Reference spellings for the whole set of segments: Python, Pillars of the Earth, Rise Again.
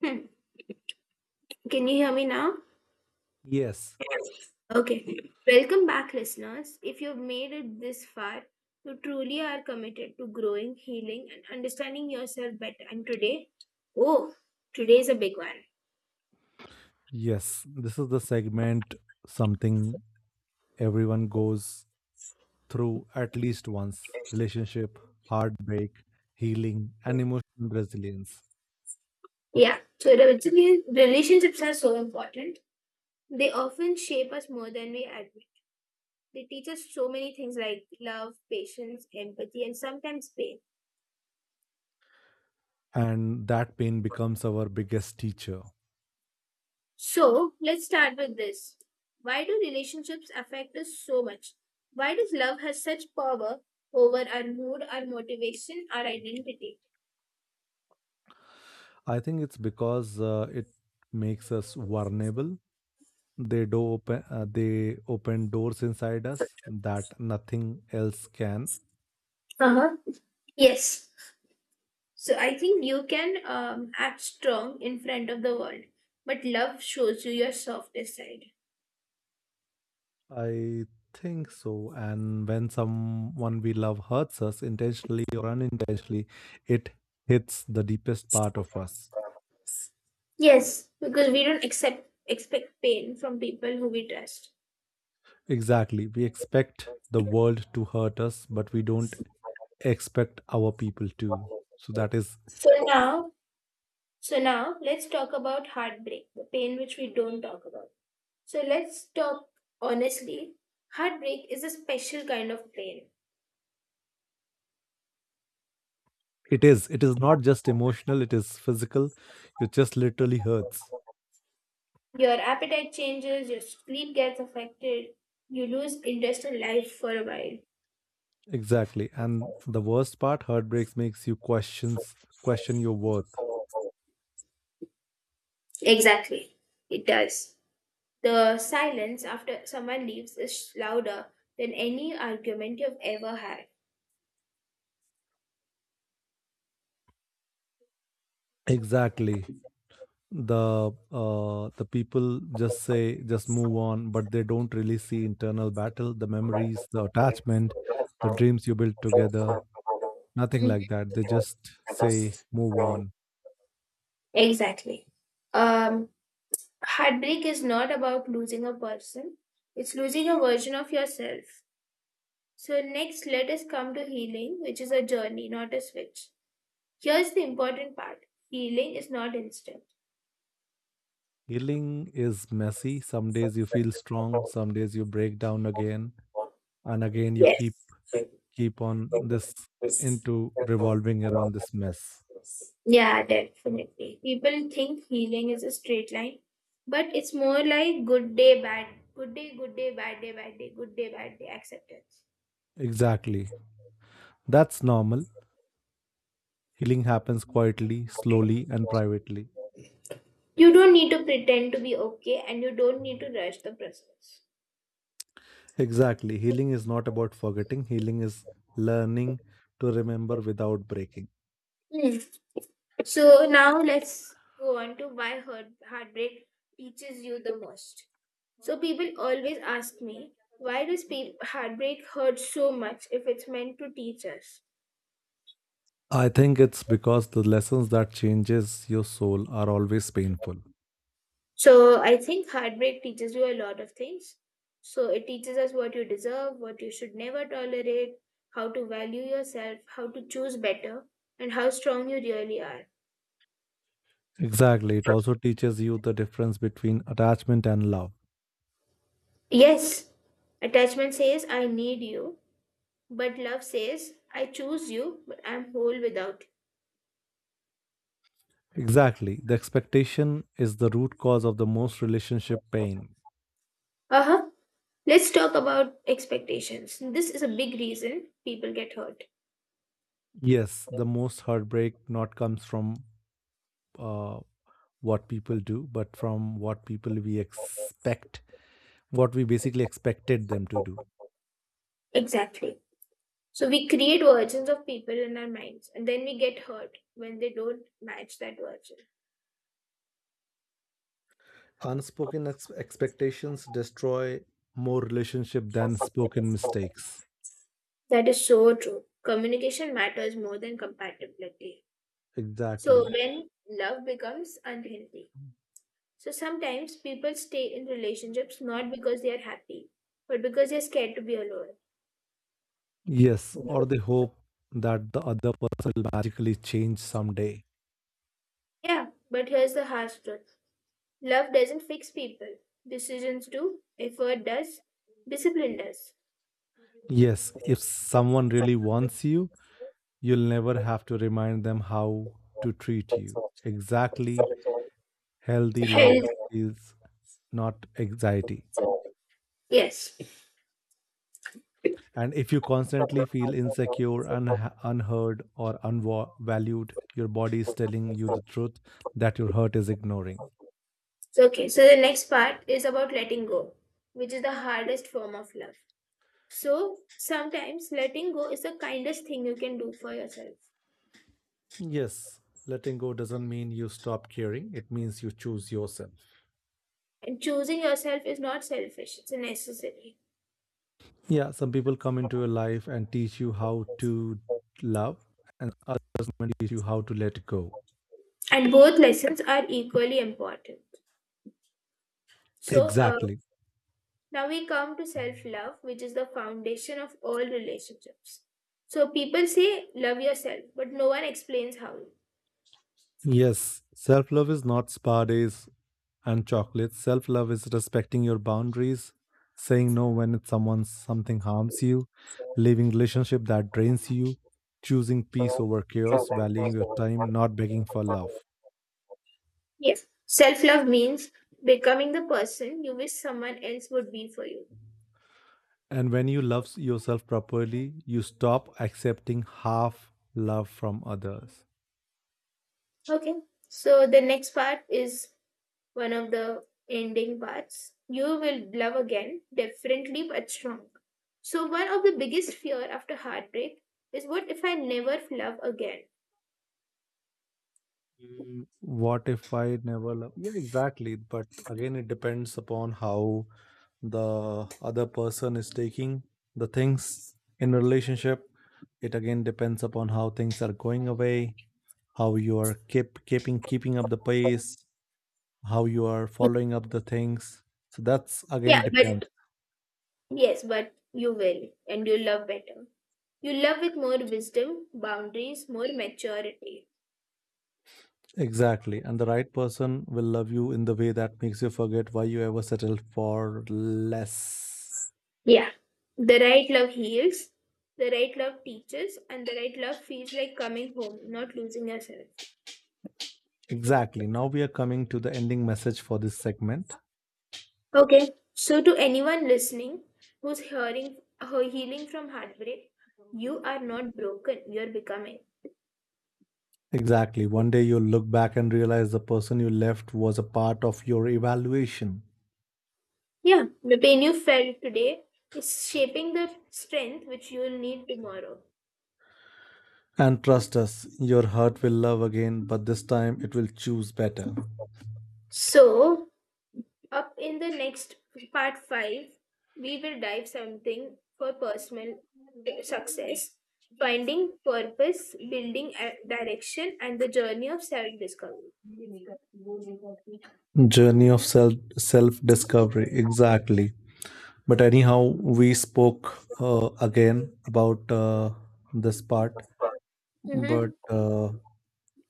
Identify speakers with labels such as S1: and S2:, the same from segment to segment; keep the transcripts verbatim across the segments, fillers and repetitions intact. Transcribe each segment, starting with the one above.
S1: Hmm. Can you hear me now?
S2: Yes,
S1: Okay. Welcome back, listeners. If you've made it this far, you truly are committed to growing, healing, and understanding yourself better. And today, oh, today's a big one.
S2: yes. This is the segment, something everyone goes through at least once: relationship, heartbreak, healing, and emotional resilience.
S1: Yeah. So, basically, relationships are so important. They often shape us more than we admit. They teach us so many things like love, patience, empathy, and sometimes pain.
S2: And that pain becomes our biggest teacher.
S1: So let's start with this. Why do relationships affect us so much? Why does love has such power over our mood, our motivation, our identity?
S2: I think it's because uh, it makes us vulnerable. They do open, uh, they open doors inside us that nothing else can.
S1: Uh-huh. Yes. So I think you can um, act strong in front of the world, but love shows you your softest side.
S2: I think so. And when someone we love hurts us intentionally or unintentionally, it hits the deepest part of us.
S1: Yes, because we don't accept expect pain from people who we trust.
S2: Exactly. We expect the world to hurt us, but we don't expect our people to. So that is,
S1: So now, so now let's talk about heartbreak, the pain which we don't talk about. So let's talk honestly. Heartbreak is a special kind of pain.
S2: it is, it is not just emotional, it is physical. It just literally hurts.
S1: Your appetite changes, your sleep gets affected, you lose interest in life for a while.
S2: Exactly. And the worst part, heartbreaks makes you questions question your worth.
S1: Exactly, it does. The silence after someone leaves is louder than any argument you've ever had.
S2: Exactly. the uh, the people just say just move on, but they don't really see internal battle, the memories, the attachment, the dreams you built together. Nothing
S1: Mm.
S2: like that. They just say move on.
S1: Exactly. Um, Heartbreak is not about losing a person, it's losing a version of yourself. So, next, let us come to healing, which is a journey, not a switch. Here's the important part healing is not instant.
S2: Healing is messy. Some days you feel strong, some days you break down again and again. You keep
S1: Yes.
S2: keep on this, into revolving around this mess.
S1: Yeah, definitely. People think healing is a straight line, but it's more like good day, bad, good day, good day, bad day, bad day, good day, bad day, acceptance.
S2: Exactly, that's normal. Healing happens quietly, slowly, and privately.
S1: You don't need to pretend to be okay and you don't need to rush the process.
S2: Exactly. Healing is not about forgetting, healing is learning to remember without breaking.
S1: Hmm. So now let's go on to why heart, heartbreak teaches you the most. So people always ask me, why does pe- heartbreak hurt so much if it's meant to teach us?
S2: I think it's because the lessons that changes your soul are always painful.
S1: So I think heartbreak teaches you a lot of things. So it teaches us what you deserve, what you should never tolerate, how to value yourself, how to choose better, and how strong you really are.
S2: Exactly. It also teaches you the difference between attachment and love.
S1: Yes, attachment says I need you, but love says I choose you, but I'm whole without you.
S2: Exactly. The expectation is the root cause of the most relationship pain.
S1: Uh-huh. Let's talk about expectations. This is a big reason people get hurt.
S2: Yes, the most heartbreak not comes from uh, what people do, but from what people we expect, what we basically expected them to do.
S1: Exactly. So we create versions of people in our minds and then we get hurt when they don't match that version.
S2: Unspoken ex- expectations destroy more relationship than spoken mistakes.
S1: That is so true. Communication matters more than compatibility. So
S2: Exactly.
S1: when love becomes unhealthy, so sometimes people stay in relationships not because they are happy, but because they're scared to be alone.
S2: Yes, or the hope that the other person will magically change someday.
S1: Yeah, but here's the harsh truth. Love doesn't fix people. Decisions do, effort does, discipline does.
S2: Yes, if someone really wants you, you'll never have to remind them how to treat you. Exactly. Healthy love
S1: Health.
S2: is not anxiety.
S1: Yes.
S2: And if you constantly feel insecure, unha- unheard, or unvalued, your body is telling you the truth that your heart is ignoring.
S1: So okay, so the next part is about letting go, which is the hardest form of love. So sometimes letting go is the kindest thing you can do for yourself.
S2: Yes, letting go doesn't mean you stop caring, it means you choose yourself.
S1: And choosing yourself is not selfish, it's necessary.
S2: Yeah, some people come into your life and teach you how to love, and others teach you how to let go.
S1: And both lessons are equally important. So uh,
S2: Exactly.
S1: now we come to self love, which is the foundation of all relationships. So people say, love yourself, but no one explains how.
S2: Yes, self love is not spa days and chocolate. Self love is respecting your boundaries, saying no when it's someone something harms you, leaving relationship that drains you, choosing peace over chaos, valuing your time, not begging for love.
S1: Yes. Self love means becoming the person you wish someone else would be for you.
S2: And when you love yourself properly, you stop accepting half love from others.
S1: Okay. So the next part is one of the ending parts. You will love again, differently but strong. So, one of the biggest fear after heartbreak is what if I never love again?
S2: Mm, what if I never love? Yeah, exactly. But again, it depends upon how the other person is taking the things in a relationship. It again depends upon how things are going away, how you are keep keeping keeping up the pace, how you are following up the things. So that's
S1: Yeah,
S2: again depends.
S1: but Yes, but you will, and you love better. You love with more wisdom, boundaries, more maturity.
S2: Exactly, and the right person will love you in the way that makes you forget why you ever settled for less.
S1: Yeah, the right love heals, the right love teaches, and the right love feels like coming home, not losing yourself.
S2: Exactly, now we are coming to the ending message for this segment.
S1: Okay, so to anyone listening who's hearing her healing from heartbreak, you are not broken, you're becoming.
S2: Exactly, one day you'll look back and realize the person you left was a part of your evaluation.
S1: Yeah, the pain you felt today is shaping the strength which you'll need tomorrow.
S2: And trust us, your heart will love again, but this time it will choose better.
S1: So, up in the next part five, we will dive something for personal eh, success, finding purpose, building a direction, and the journey of self discovery.
S2: Journey of self self discovery, exactly. But anyhow, we spoke uh, again about uh, this part.
S1: Mm-hmm.
S2: But uh,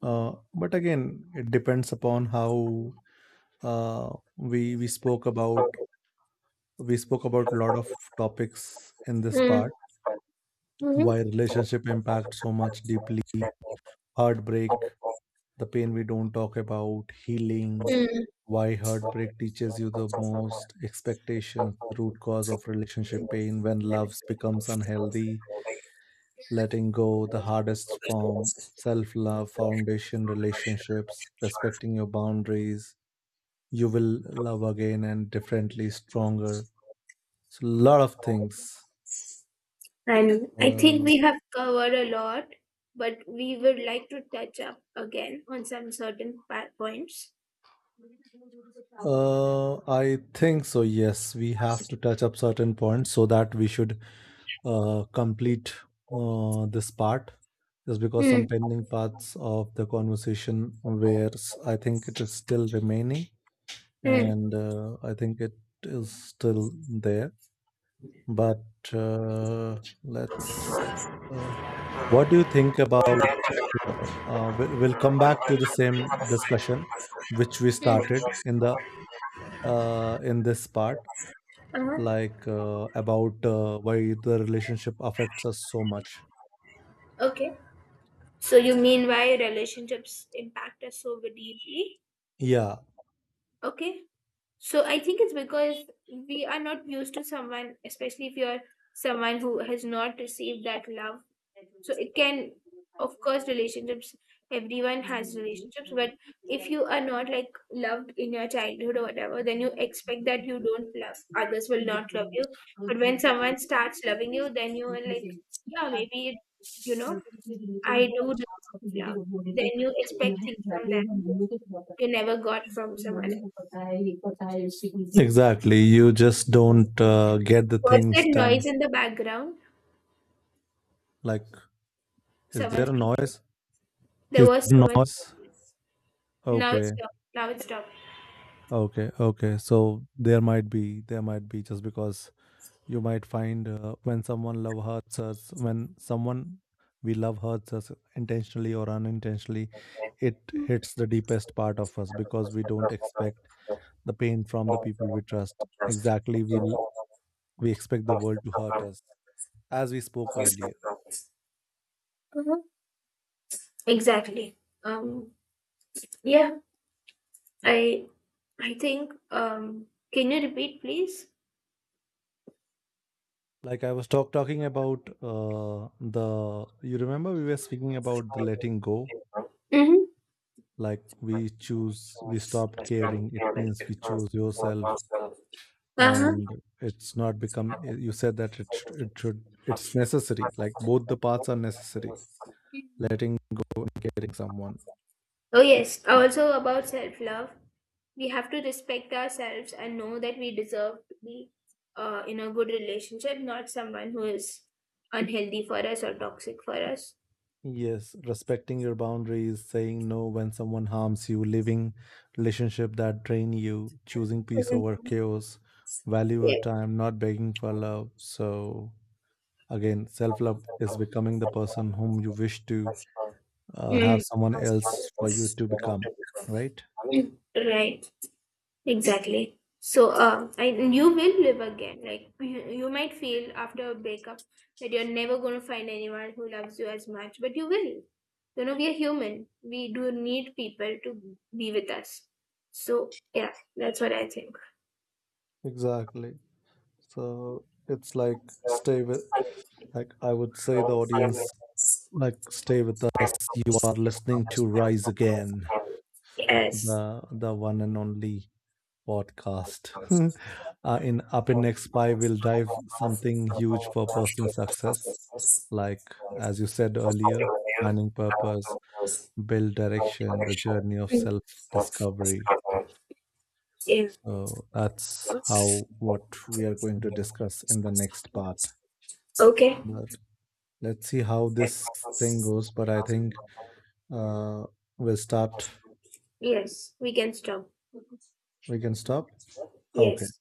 S2: uh, but again, it depends upon how uh, we we spoke about, we spoke about a lot of topics in this
S1: Mm.
S2: part.
S1: Mm-hmm.
S2: Why relationship impacts so much deeply, heartbreak, the pain we don't talk about, healing,
S1: Mm.
S2: why heartbreak teaches you the most, expectations, the root cause of relationship pain, when love becomes unhealthy, letting go, the hardest form, self love, foundation, relationships, respecting your boundaries, you will love again and differently, stronger. So, a lot of things.
S1: And I think
S2: Uh,
S1: we have covered a lot, but we would like to touch up again on some certain pa- points.
S2: uh, I think so, yes. We have to touch up certain points so that we should uh, complete uh, this part, just because
S1: Hmm.
S2: some pending parts of the conversation where s- I think it is still remaining,
S1: Hmm.
S2: and uh, I think it is still there. But uh, let's. Uh, what do you think about? Uh, uh, we'll, we'll come back to the same discussion which we
S1: Hmm.
S2: started in the uh, in this part,
S1: Uh-huh.
S2: like uh, about uh, why the relationship affects us so much.
S1: Okay. So you mean why relationships impact us so deeply?
S2: Yeah,
S1: Okay. So I think it's because we are not used to someone, especially if you're someone who has not received that love, so it can, of course, relationships, everyone has relationships, but if you are not like loved in your childhood or whatever, then you expect that you don't love, others will not love you, but when someone starts loving you, then you are like, yeah maybe it, you know, I do deserve love, then you expect things from them you never got from someone else.
S2: exactly. You just don't uh, get the
S1: What's
S2: things
S1: that
S2: done.
S1: noise in the background?
S2: Like, is
S1: Someone
S2: there a
S1: speaking.
S2: noise?
S1: There
S2: Is
S1: was
S2: there
S1: someone.
S2: noise?
S1: Now it's
S2: Okay,
S1: stopped, now it's stopped.
S2: okay, okay. So there might be, there might be, just because you might find uh, when someone love hurts us, when someone we love hurts us intentionally or unintentionally, it hits the deepest part of us because we don't expect the pain from the people we trust. Exactly, we l- we expect the world to hurt us, as we spoke earlier.
S1: Mhm. Exactly. um yeah, I I think um can you repeat please?
S2: Like, I was talk- talking about uh, the, you remember we were speaking about the letting go,
S1: Mm-hmm.
S2: like we choose, we stopped caring, it means we choose yourself.
S1: Uh-huh.
S2: And it's not become, eh, you said that it should, it should, it's necessary, like both the paths are necessary, letting go and caring someone.
S1: Oh yes, also about self-love. We have to respect ourselves and know that we deserve to be uh, in a good relationship, not someone who is unhealthy for us or toxic for us.
S2: Yes, respecting your boundaries, saying no when someone harms you, living relationship that drain you, choosing peace over
S1: Mhm.
S2: chaos, value your
S1: Yeah.
S2: time, not begging for love. So again, self-love is becoming the person whom you wish to uh, have someone else for you to become, right?
S1: Mm. Right. Exactly. So, uh, I, and you will live again. Like, you, you might feel after a breakup that you're never going to find anyone who loves you as much, but you will. You know, we are human. We do need people to be with us. So, yeah, that's what I think.
S2: Exactly. So it's like stay with, like I would say the audience, like stay with us. You are listening to Rise Again,
S1: Yes.
S2: the the one and only podcast. Uh, in up in next pie, we'll dive something huge for personal success, like as you said earlier, planning purpose, build direction, the journey of self discovery.
S1: Yeah.
S2: So that's how what we are going to discuss in the next part.
S1: Okay.
S2: But let's see how this thing goes. But I think uh, we'll start.
S1: Yes, we can stop.
S2: We can stop. Okay.
S1: Yes.